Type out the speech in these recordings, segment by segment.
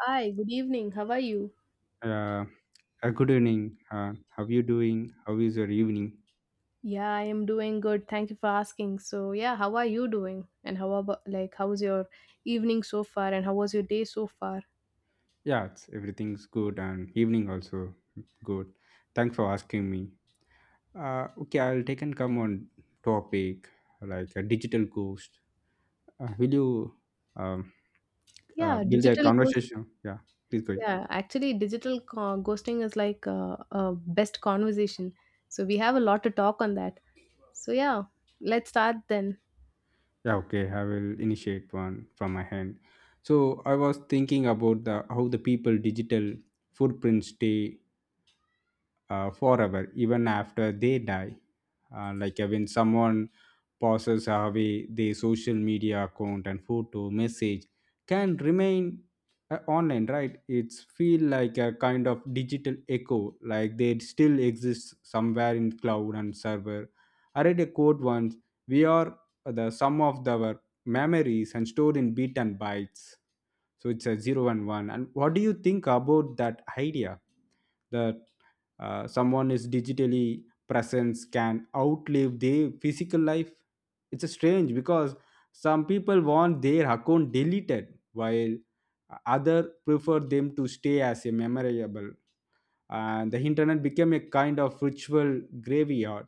Hi, good evening. How are you? Uh, Good evening. How you doing? How is your evening? Yeah, I am doing good. Thank you for asking. So, yeah, how are you doing? And how about like how's your evening so far, and how was your day so far? Everything's good and evening also good. Thanks for asking me. Okay, I'll take and come on topic like a digital ghost. Will you um, Yeah, build a digital ghost. conversation? Yeah, please go ahead. Yeah, actually digital ghosting is like a best conversation. So, we have a lot to talk on that. So, yeah, let's start then. Yeah, okay. I will initiate one from my hand. So I was thinking about the how the people digital footprints stay forever, even after they die. When someone passes away, their social media account and photo message can remain online, right? It's feel like a kind of digital echo, like they still exist somewhere in cloud and server. I read a quote once: "We are the sum of our memories and stored in bit and bytes." So it's a zero and one. And what do you think about that idea? The Someone is digitally presence can outlive their physical life. It's strange because some people want their account deleted, while others prefer them to stay as a memorable, and the internet became a kind of ritual graveyard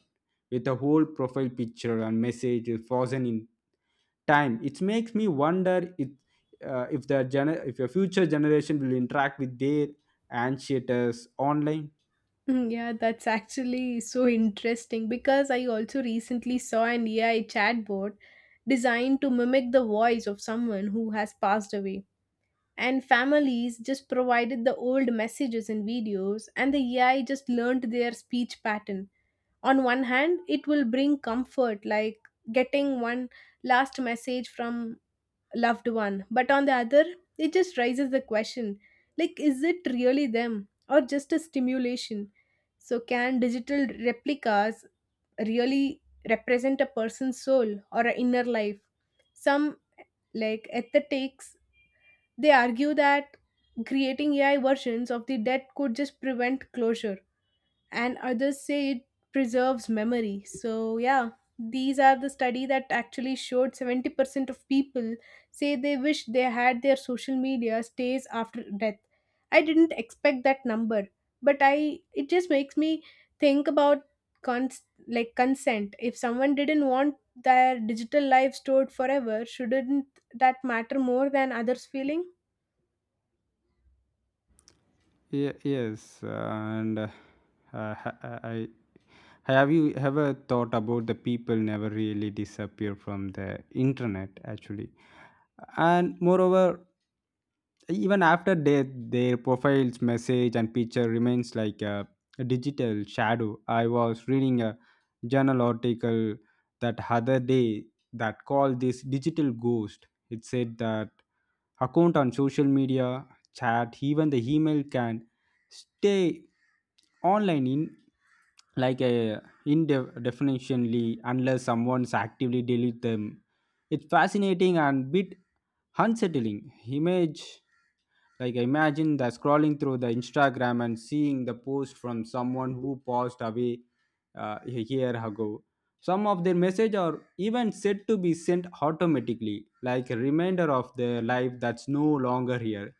with a whole profile picture and message frozen in time. It makes me wonder if the if your future generation will interact with their ancestors online. Mm, yeah, that's actually so interesting because I also recently saw an AI chatbot designed to mimic the voice of someone who has passed away. And families just provided the old messages and videos, and the AI just learned their speech pattern. On one hand, it will bring comfort, like getting one last message from loved one, but on the other, it just raises the question, like, is it really them or just a stimulation? So can digital replicas really represent a person's soul or an inner life? Some like aesthetics, they argue that creating AI versions of the dead could just prevent closure, and others say it preserves memory. So, yeah, these are the study that actually showed 70% of people say they wish they had their social media stays after death. I didn't expect that number, but I it just makes me think about like consent. If someone didn't want their digital life stored forever, shouldn't that matter more than others' feeling? Yes, and ha- I have you ever thought about the people never really disappear from the internet actually, and moreover, even after death, their profiles, message, and picture remains like a digital shadow. I was reading a journal article that other day that called this digital ghost. It said that account on social media chat even the email can stay online in like a indefinitely unless someone's actively delete them. It's fascinating and bit unsettling image, like imagine the scrolling through the Instagram and seeing the post from someone who passed away a year ago. Some of their message are even said to be sent automatically like a reminder of their life that's no longer here.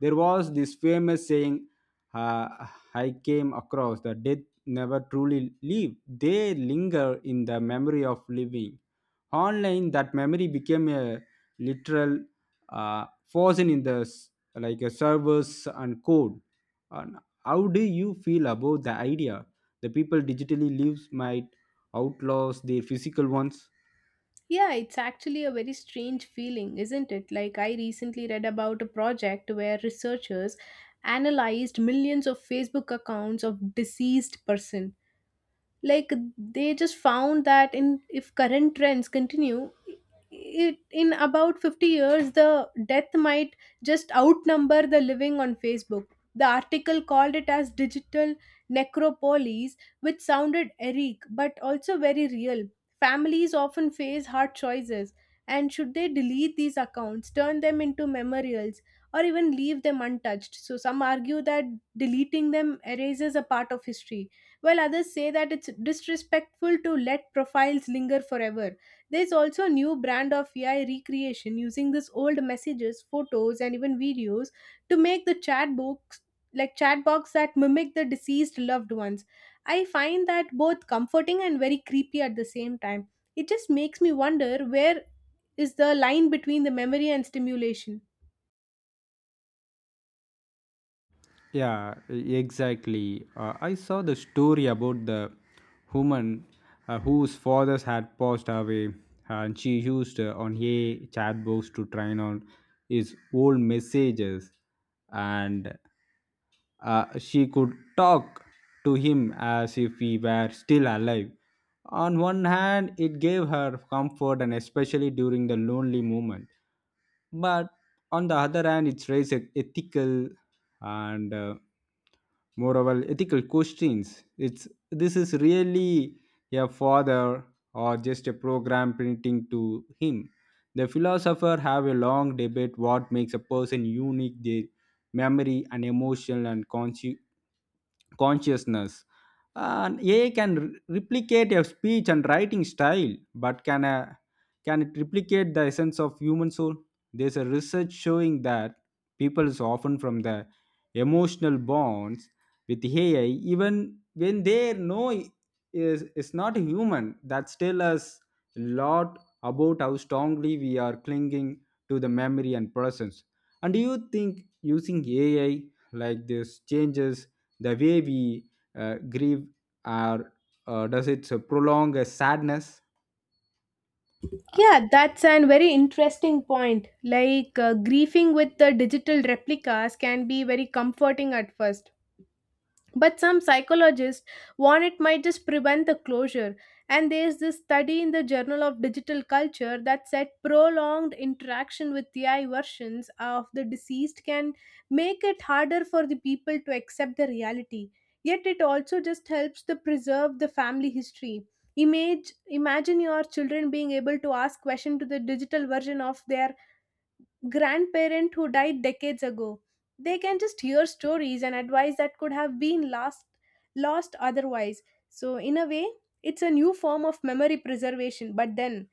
There was this famous saying, uh, I came across, the dead never truly leave, they linger in the memory of living. Online, that memory became a literal force in the like a servers and code. And how do you feel about the idea? The people digitally lives might outlaws their physical ones. Yeah, it's actually a very strange feeling, isn't it? Like, I recently read about a project where researchers analyzed millions of Facebook accounts of deceased person. Like, they just found that in if current trends continue, it in about 50 years the death might just outnumber the living on Facebook. The article called it as digital necropolis, which sounded eric but also very real. Families often face hard choices, and should they delete these accounts, turn them into memorials, or even leave them untouched? So some argue that deleting them erases a part of history, while others say that it's disrespectful to let profiles linger forever. There's also a new brand of AI recreation using these old messages, photos, and even videos to make the chat box, like chat box that mimic the deceased loved ones. I find that both comforting and very creepy at the same time. It just makes me wonder where is the line between the memory and stimulation. Yeah, exactly. I saw the story about the woman whose fathers had passed away, and she used on a chat box to train on his old messages, and she could talk to him as if he were still alive. On one hand, it gave her comfort, and especially during the lonely moment, but on the other hand it raises ethical and moral ethical questions. It's this is really a father or just a program printing to him? The philosopher have a long debate what makes a person unique, their memory and emotional and consciousness. And AI can replicate a speech and writing style, but can it replicate the essence of human soul? There's a research showing that people is often from the emotional bonds with AI, even when they know is not human. That tells us a lot about how strongly we are clinging to the memory and presence. And do you think using AI like this changes the way we grieve, or does it prolong a sadness? Yeah, that's an very interesting point. Like, grieving with the digital replicas can be very comforting at first. But some psychologists warn it might just prevent the closure. And there's this study in the Journal of Digital Culture that said prolonged interaction with AI versions of the deceased can make it harder for the people to accept the reality. Yet it also just helps to preserve the family history. Imagine your children being able to ask questions to the digital version of their grandparent who died decades ago. They can just hear stories and advice that could have been lost otherwise. So, in a way, it's a new form of memory preservation. But then,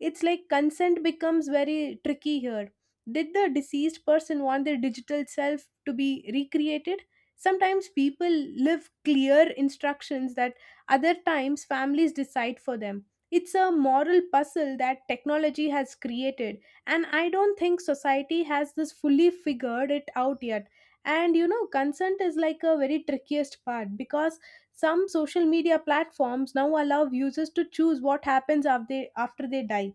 it's like consent becomes very tricky here. Did the deceased person want their digital self to be recreated? Sometimes people live clear instructions, that other times families decide for them. It's a moral puzzle that technology has created, and I don't think society has this fully figured it out yet. And you know, consent is like a very trickiest part, because some social media platforms now allow users to choose what happens after they die.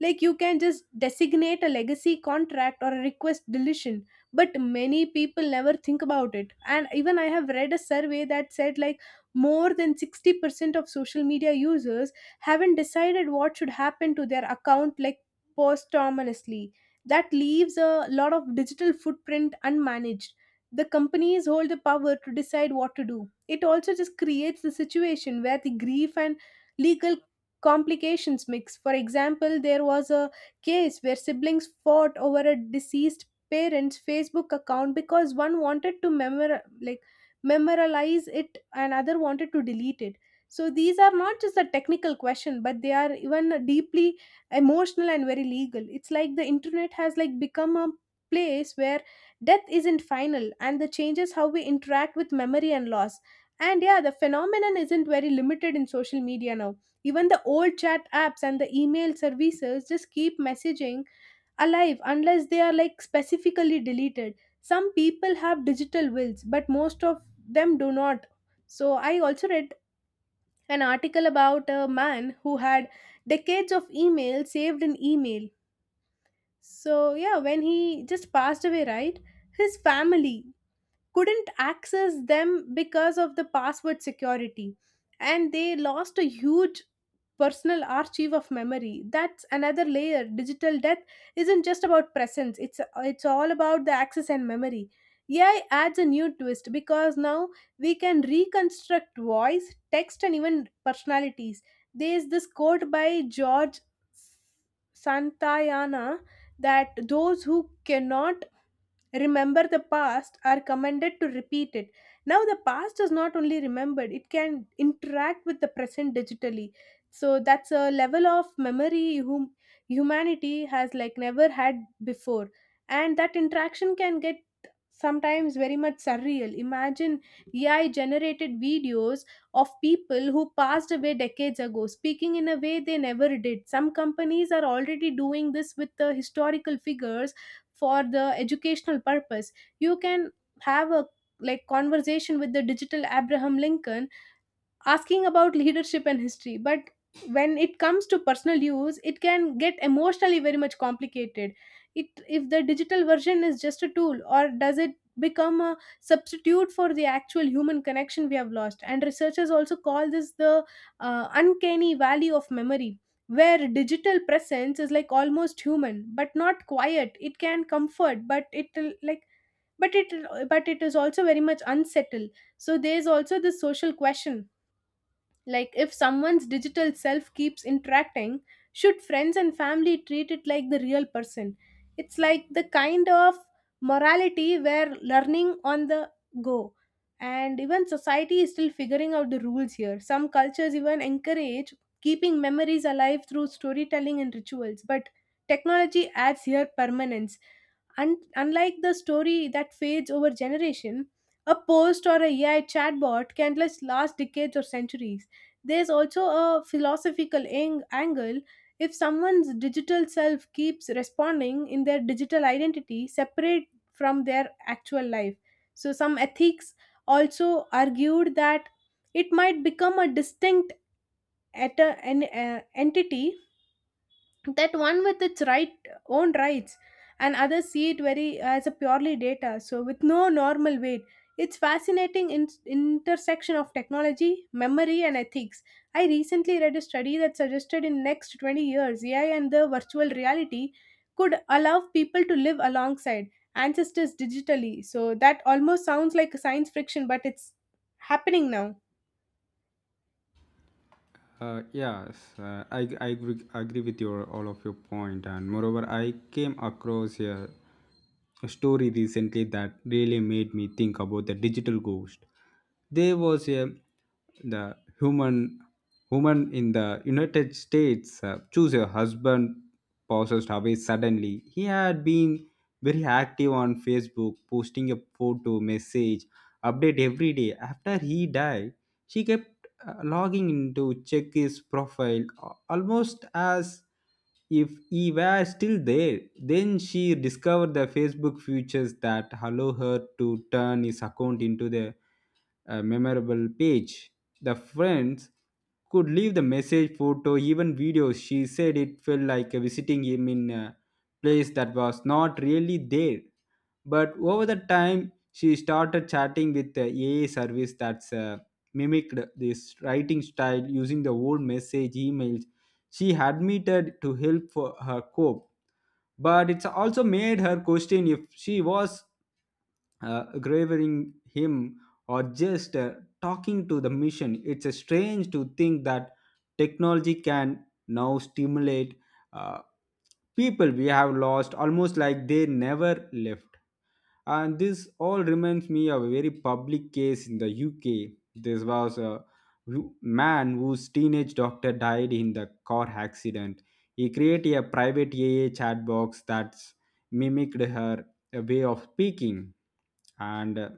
Like, you can just designate a legacy contract or a request deletion. But many people never think about it, and even I have read a survey that said, like, more than 60% of social media users haven't decided what should happen to their account, like, posthumously. That leaves a lot of digital footprint unmanaged. The companies hold the power to decide what to do. It also just creates the situation where the grief and legal complications mix. For example, there was a case where siblings fought over a deceased parent's Facebook account because one wanted to memorialize it and other wanted to delete it. So these are not just a technical question, but they are even deeply emotional and very legal. It's like the internet has like become a place where death isn't final, and the changes how we interact with memory and loss. And yeah, the phenomenon isn't very limited in social media now. Even the old chat apps and the email services just keep messaging alive unless they are like specifically deleted. Some people have digital wills, but most of them do not. So I also read an article about a man who had decades of email saved in email. So yeah, when he just passed away, right? His family couldn't access them because of the password security, and they lost a huge personal archive of memory. That's another layer. Digital death isn't just about presence. It's all about the access and memory. AI adds a new twist, because now we can reconstruct voice, text, and even personalities. There's this quote by George Santayana that those who cannot remember the past are commanded to repeat it. Now the past is not only remembered, it can interact with the present digitally. So that's a level of memory whom humanity has like never had before. And that interaction can get sometimes very much surreal. Imagine AI generated videos of people who passed away decades ago, speaking in a way they never did. Some companies are already doing this with the historical figures for the educational purpose. You can have a, like, conversation with the digital Abraham Lincoln, asking about leadership and history. But when it comes to personal use, it can get emotionally very much complicated. It if the digital version is just a tool, or does it become a substitute for the actual human connection we have lost? And researchers also call this the uncanny valley of memory, where digital presence is like almost human but not quiet. It can comfort, but it like but it is also very much unsettled. So there's also this social question, like, if someone's digital self keeps interacting, should friends and family treat it like the real person? It's like the kind of morality where learning on the go. And even society is still figuring out the rules here. Some cultures even encourage keeping memories alive through storytelling and rituals, but technology adds here permanence. And unlike the story that fades over generation, a post or a AI chatbot can last decades or centuries. There's also a philosophical angle. If someone's digital self keeps responding in their digital identity separate from their actual life. So, some ethics also argued that it might become a distinct et- an entity, that one with its own rights, and others see it very as a purely data, so with no normal weight. It's fascinating intersection of technology, memory, and ethics. I recently read a study that suggested in next 20 years AI and the virtual reality could allow people to live alongside ancestors digitally. So that almost sounds like a science fiction, but it's happening now. Yes, I agree with your all of your point, and moreover, I came across a story recently that really made me think about the digital ghost. There was a the human woman in the United States choose a husband possessed away suddenly. He had been very active on Facebook, posting a photo, message, update every day. After he died, she kept logging in to check his profile almost as if he were still there. Then she discovered the Facebook features that allow her to turn his account into the a memorable page. The friends could leave the message, photo, even videos. She said it felt like visiting him in a place that was not really there. But over the time, she started chatting with the AI service that's mimicked this writing style using the old message emails. She admitted to help for her cope, but it's also made her question if she was gravering him or just talking to the machine. It's a strange to think that technology can now stimulate uh, people we have lost almost like they never left. And this all reminds me of a very public case in the UK. This was a man whose teenage doctor died in the car accident. He created a private AI chat box that mimicked her a way of speaking, and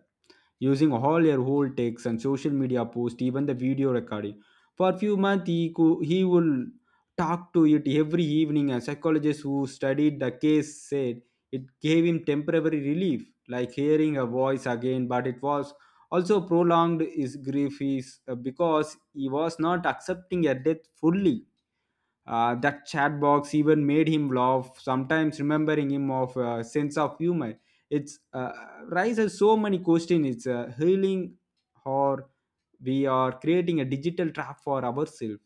using all her old texts and social media posts, even the video recording. For a few months, he would talk to it every evening, and psychologists who studied the case said it gave him temporary relief, like hearing her voice again, but it was also prolonged his grief is, because he was not accepting her death fully. That chat box even made him laugh, sometimes remembering him of a sense of humor. It's raises so many questions. It's healing, or we are creating a digital trap for ourselves.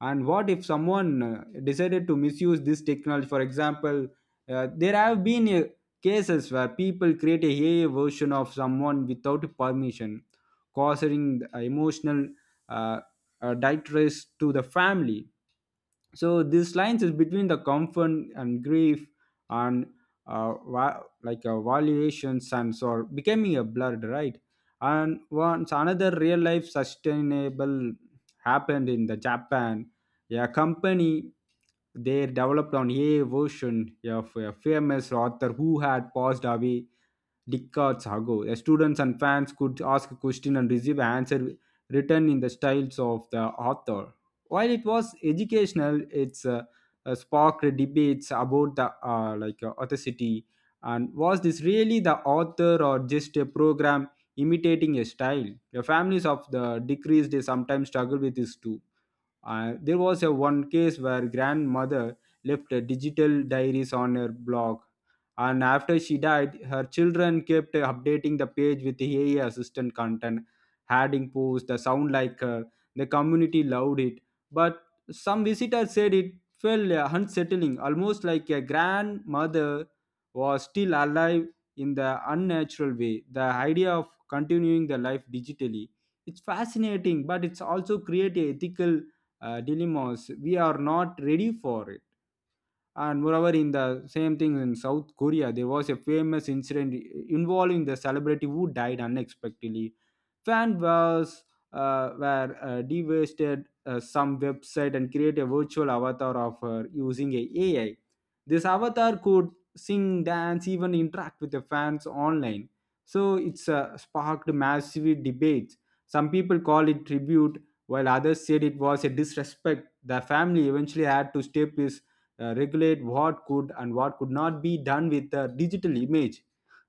And what if someone decided to misuse this technology? For example, there have been cases where people create a AI version of someone without permission, causing emotional uh, distress to the family. So this lines is between the comfort and grief, and valuations and so are becoming a blurred, right? And once another real life sustainable happened in the Japan, a company, they developed on a version of a famous author who had passed away decades ago. The students and fans could ask a question and receive an answer written in the styles of the author. While it was educational, it's sparked debates about the authenticity, and was this really the author or just a program imitating a style? The families of the decreased, they sometimes struggle with this too. There was a one case where grandmother left a digital diaries on her blog, and after she died, her children kept updating the page with AI assistant content, adding posts that sound like her. The community loved it, but some visitors said it felt unsettling, almost like a grandmother was still alive in the unnatural way. The idea of continuing the life digitally, it's fascinating but it's also create a ethical dilemmas we are not ready for it. And moreover in the same thing in South Korea, there was a famous incident involving the celebrity who died unexpectedly. Fan was were devastated. Some website and create a virtual avatar of her using a AI. This avatar could sing, dance, even interact with the fans online. So it's sparked massive debates. Some people call it tribute, while others said it was a disrespect. The family eventually had to step is regulate what could and what could not be done with the digital image.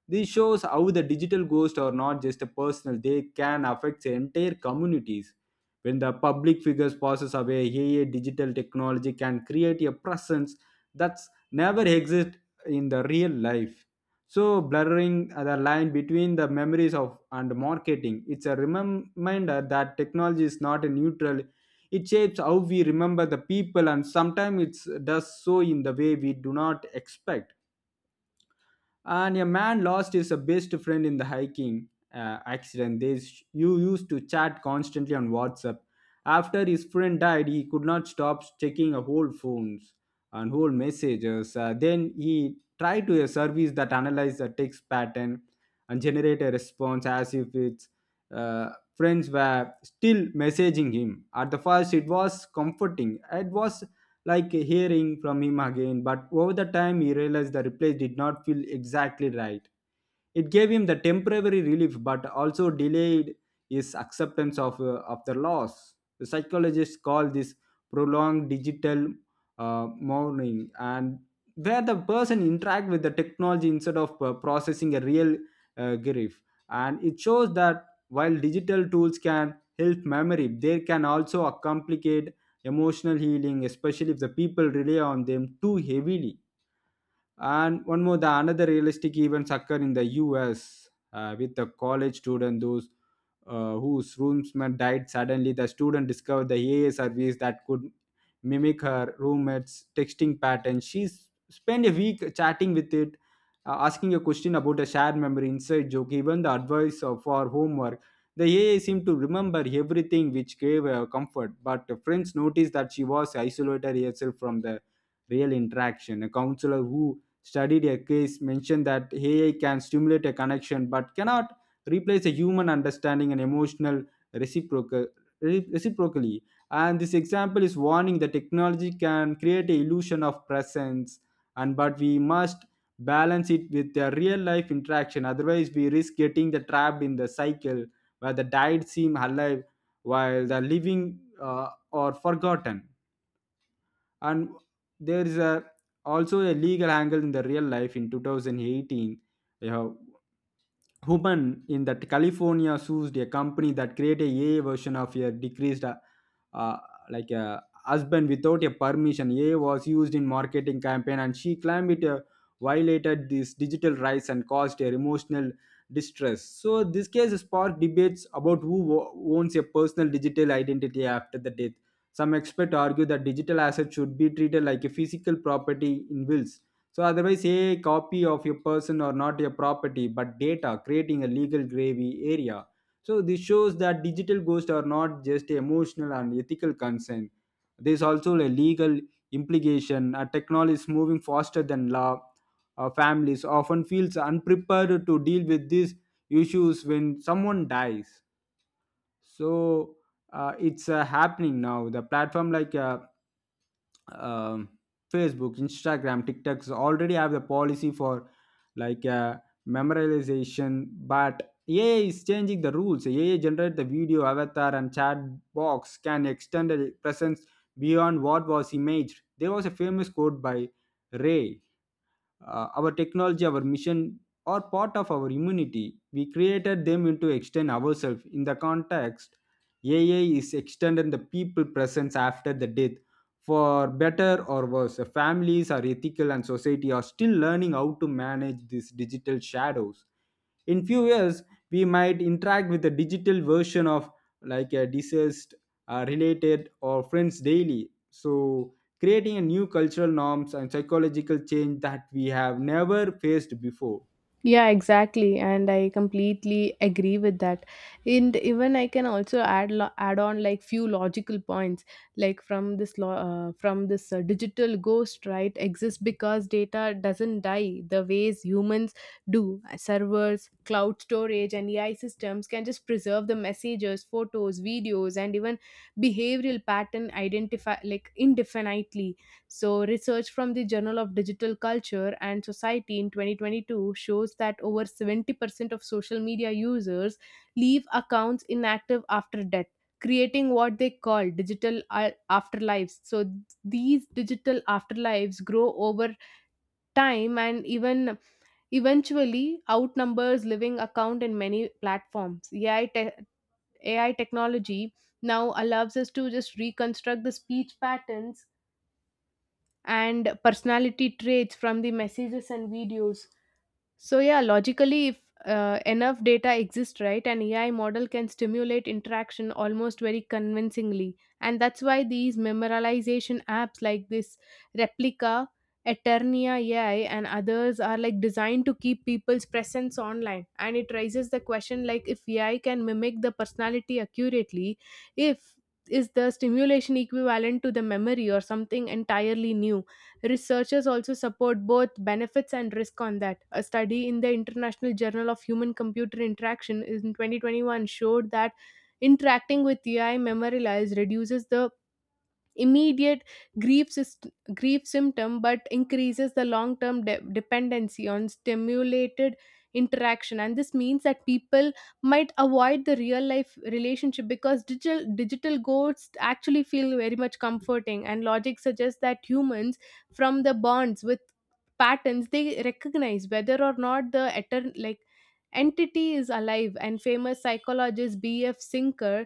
This shows how the digital ghosts are not just a personal, they can affect entire communities. When the public figures passes away, AI digital technology can create a presence that's never exists in the real life. So blurring the line between the memories of and marketing. It's a reminder that technology is not a neutral. It shapes how we remember the people, and sometimes it does so in the way we do not expect. And a man lost his best friend in the hiking accident. They sh- you used to chat constantly on WhatsApp. After his friend died, he could not stop checking whole phones and whole messages. Then he tried to a service that analyzed the text pattern and generate a response as if it's uh, friends were still messaging him. At the first it was comforting, it was like hearing from him again, but over the time he realized the replay did not feel exactly right. It gave him the temporary relief, but also delayed his acceptance of the loss. The psychologists call this prolonged digital mourning, and where the person interact with the technology instead of processing a real grief. And it shows that while digital tools can help memory, they can also complicate emotional healing, especially if the people rely on them too heavily. And one more, the another realistic events occur in the U.S. With the college student those whose roommate died suddenly. The student discovered the AI service that could mimic her roommate's texting pattern. Spent a week chatting with it, asking a question about a shared memory, inside joke, even the advice for homework. The AI seemed to remember everything, which gave her comfort. But the friends noticed that she was isolated herself from the real interaction. A counselor who studied a case mentioned that AI can stimulate a connection but cannot replace a human understanding and emotional reciprocal reciprocally. And this example is warning that technology can create a illusion of presence, and but we must balance it with the real life interaction, otherwise we risk getting the trapped in the cycle where the died seem alive while the living are forgotten. And there is a also a legal angle in the real life in 2018. A woman in that california sued a company that created a ai version of a decreased uh, like a husband without a permission. A was used in marketing campaign, and she claimed it violated these digital rights and caused her emotional distress. So this case sparked debates about who owns a personal digital identity after the death. Some experts argue that digital assets should be treated like a physical property in wills. So otherwise, a copy of a person or not a property but data, creating a legal gravy area. So this shows that digital ghosts are not just emotional and ethical concern. There's also a legal implication. A technology is moving faster than law. Families often feels unprepared to deal with these issues when someone dies. So it's happening now. The platform like um, Facebook, Instagram, TikToks already have the policy for like uh, memorization, but AI is changing the rules. AI generate the video avatar and chat box can extend the presence beyond what was imaged. There was a famous quote by Ray. Our technology, our mission or part of our immunity. We created them into extend ourselves. In the context, AI is extending the people presence after the death. For better or worse, families are ethical and society are still learning how to manage these digital shadows. In few years, we might interact with a digital version of like a deceased related or friends daily. So creating a new cultural norms and psychological change that we have never faced before. Yeah, exactly, and I completely agree with that. And even I can also add add on like few logical points, like from this law from this digital ghost right exists because data doesn't die the ways humans do. Servers, cloud storage, and AI systems can just preserve the messages, photos, videos, and even behavioral pattern identify like indefinitely. So, research from the Journal of Digital Culture and Society in 2022 shows that over 70% of social media users leave accounts inactive after death, creating what they call digital afterlives. So, these digital afterlives grow over time and even eventually outnumbers living account in many platforms. AI technology now allows us to just reconstruct the speech patterns and personality traits from the messages and videos. So yeah, logically, if enough data exists, right, an AI model can stimulate interaction almost very convincingly, and that's why these memorization apps, like this Replica, Eternia AI, and others, are like designed to keep people's presence online. And it raises the question, like, if AI can mimic the personality accurately, if is the stimulation equivalent to the memory or something entirely new? Researchers also support both benefits and risk on that. A study in the International Journal of Human Computer Interaction in 2021 showed that interacting with AI memory lies reduces the immediate grief symptom, but increases the long term dependency on stimulated interaction. And this means that people might avoid the real life relationship because digital goals actually feel very much comforting. And logic suggests that humans from the bonds with patterns they recognize, whether or not the entity is alive. And famous psychologist BF Sinker,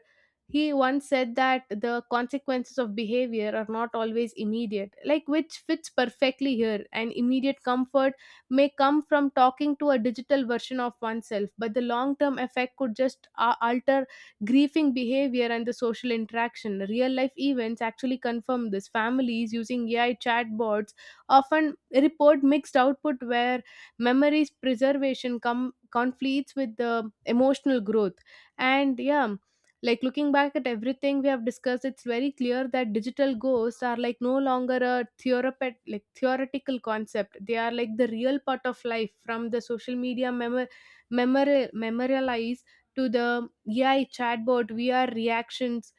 he once said that the consequences of behavior are not always immediate, like, which fits perfectly here. An immediate comfort may come from talking to a digital version of oneself, but the long term effect could just alter grieving behavior and the social interaction. Real life events actually confirm this. Families using AI chatbots often report mixed output, where memories preservation come conflicts with the emotional growth. And yeah, like, looking back at everything we have discussed, it's very clear that digital ghosts are like no longer a theorepet like theoretical concept. They are like the real part of life, from the social media memorialize to the AI chatbot VR reactions,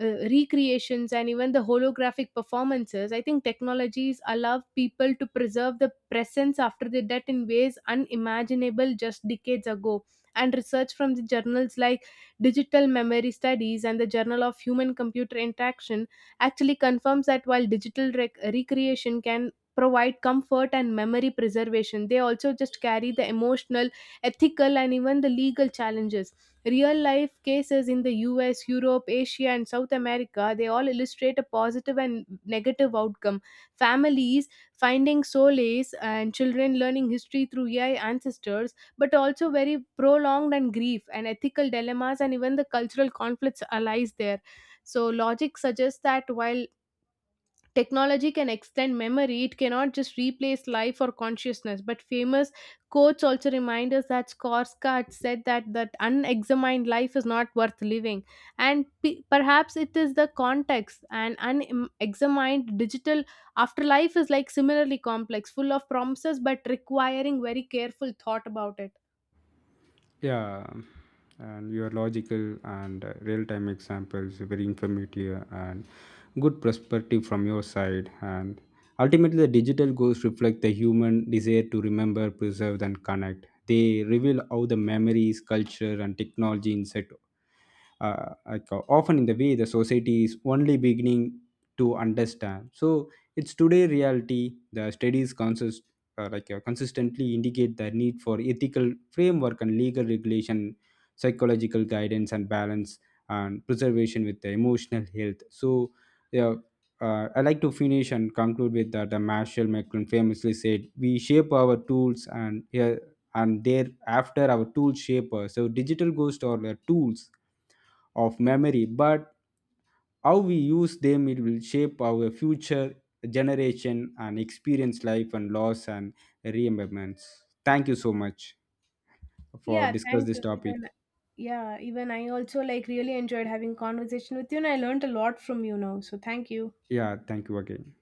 recreations, and even the holographic performances. I think technologies allow people to preserve the presence after the death in ways unimaginable just decades ago. And research from the journals like Digital Memory Studies and the Journal of Human Computer Interaction actually confirms that while digital recreation can provide comfort and memory preservation, they also just carry the emotional, ethical, and even the legal challenges. Real life cases in the US, Europe, Asia, and South America, they all illustrate a positive and negative outcome. Families finding solace and children learning history through AI ancestors, but also very prolonged and grief and ethical dilemmas and even the cultural conflicts arise there. So logic suggests that while technology can extend memory, it cannot just replace life or consciousness. But famous quotes also remind us that Skarsgård said that unexamined life is not worth living. And perhaps it is the context. An unexamined digital afterlife is like similarly complex, full of promises but requiring very careful thought about it. Yeah, and your logical and real time examples are very informative and good perspective from your side. And ultimately, the digital goals reflect the human desire to remember, preserve, and connect. They reveal how the memories, culture, and technology intersect, often in the way the society is only beginning to understand. So it's today reality. The studies consist, consistently indicate the need for ethical framework and legal regulation, psychological guidance and balance and preservation with the emotional health. So yeah, I like to finish and conclude with that the Marshall McLuhan famously said, "We shape our tools, and yeah, and thereafter our tools shape us." So digital ghosts are the tools of memory, but how we use them it will shape our future generation and experience life and loss and remembrance. Thank you so much for Yeah, discuss thank this you. topic. Even I also like really enjoyed having conversation with you and I learned a lot from you now. So thank you. Yeah, thank you again.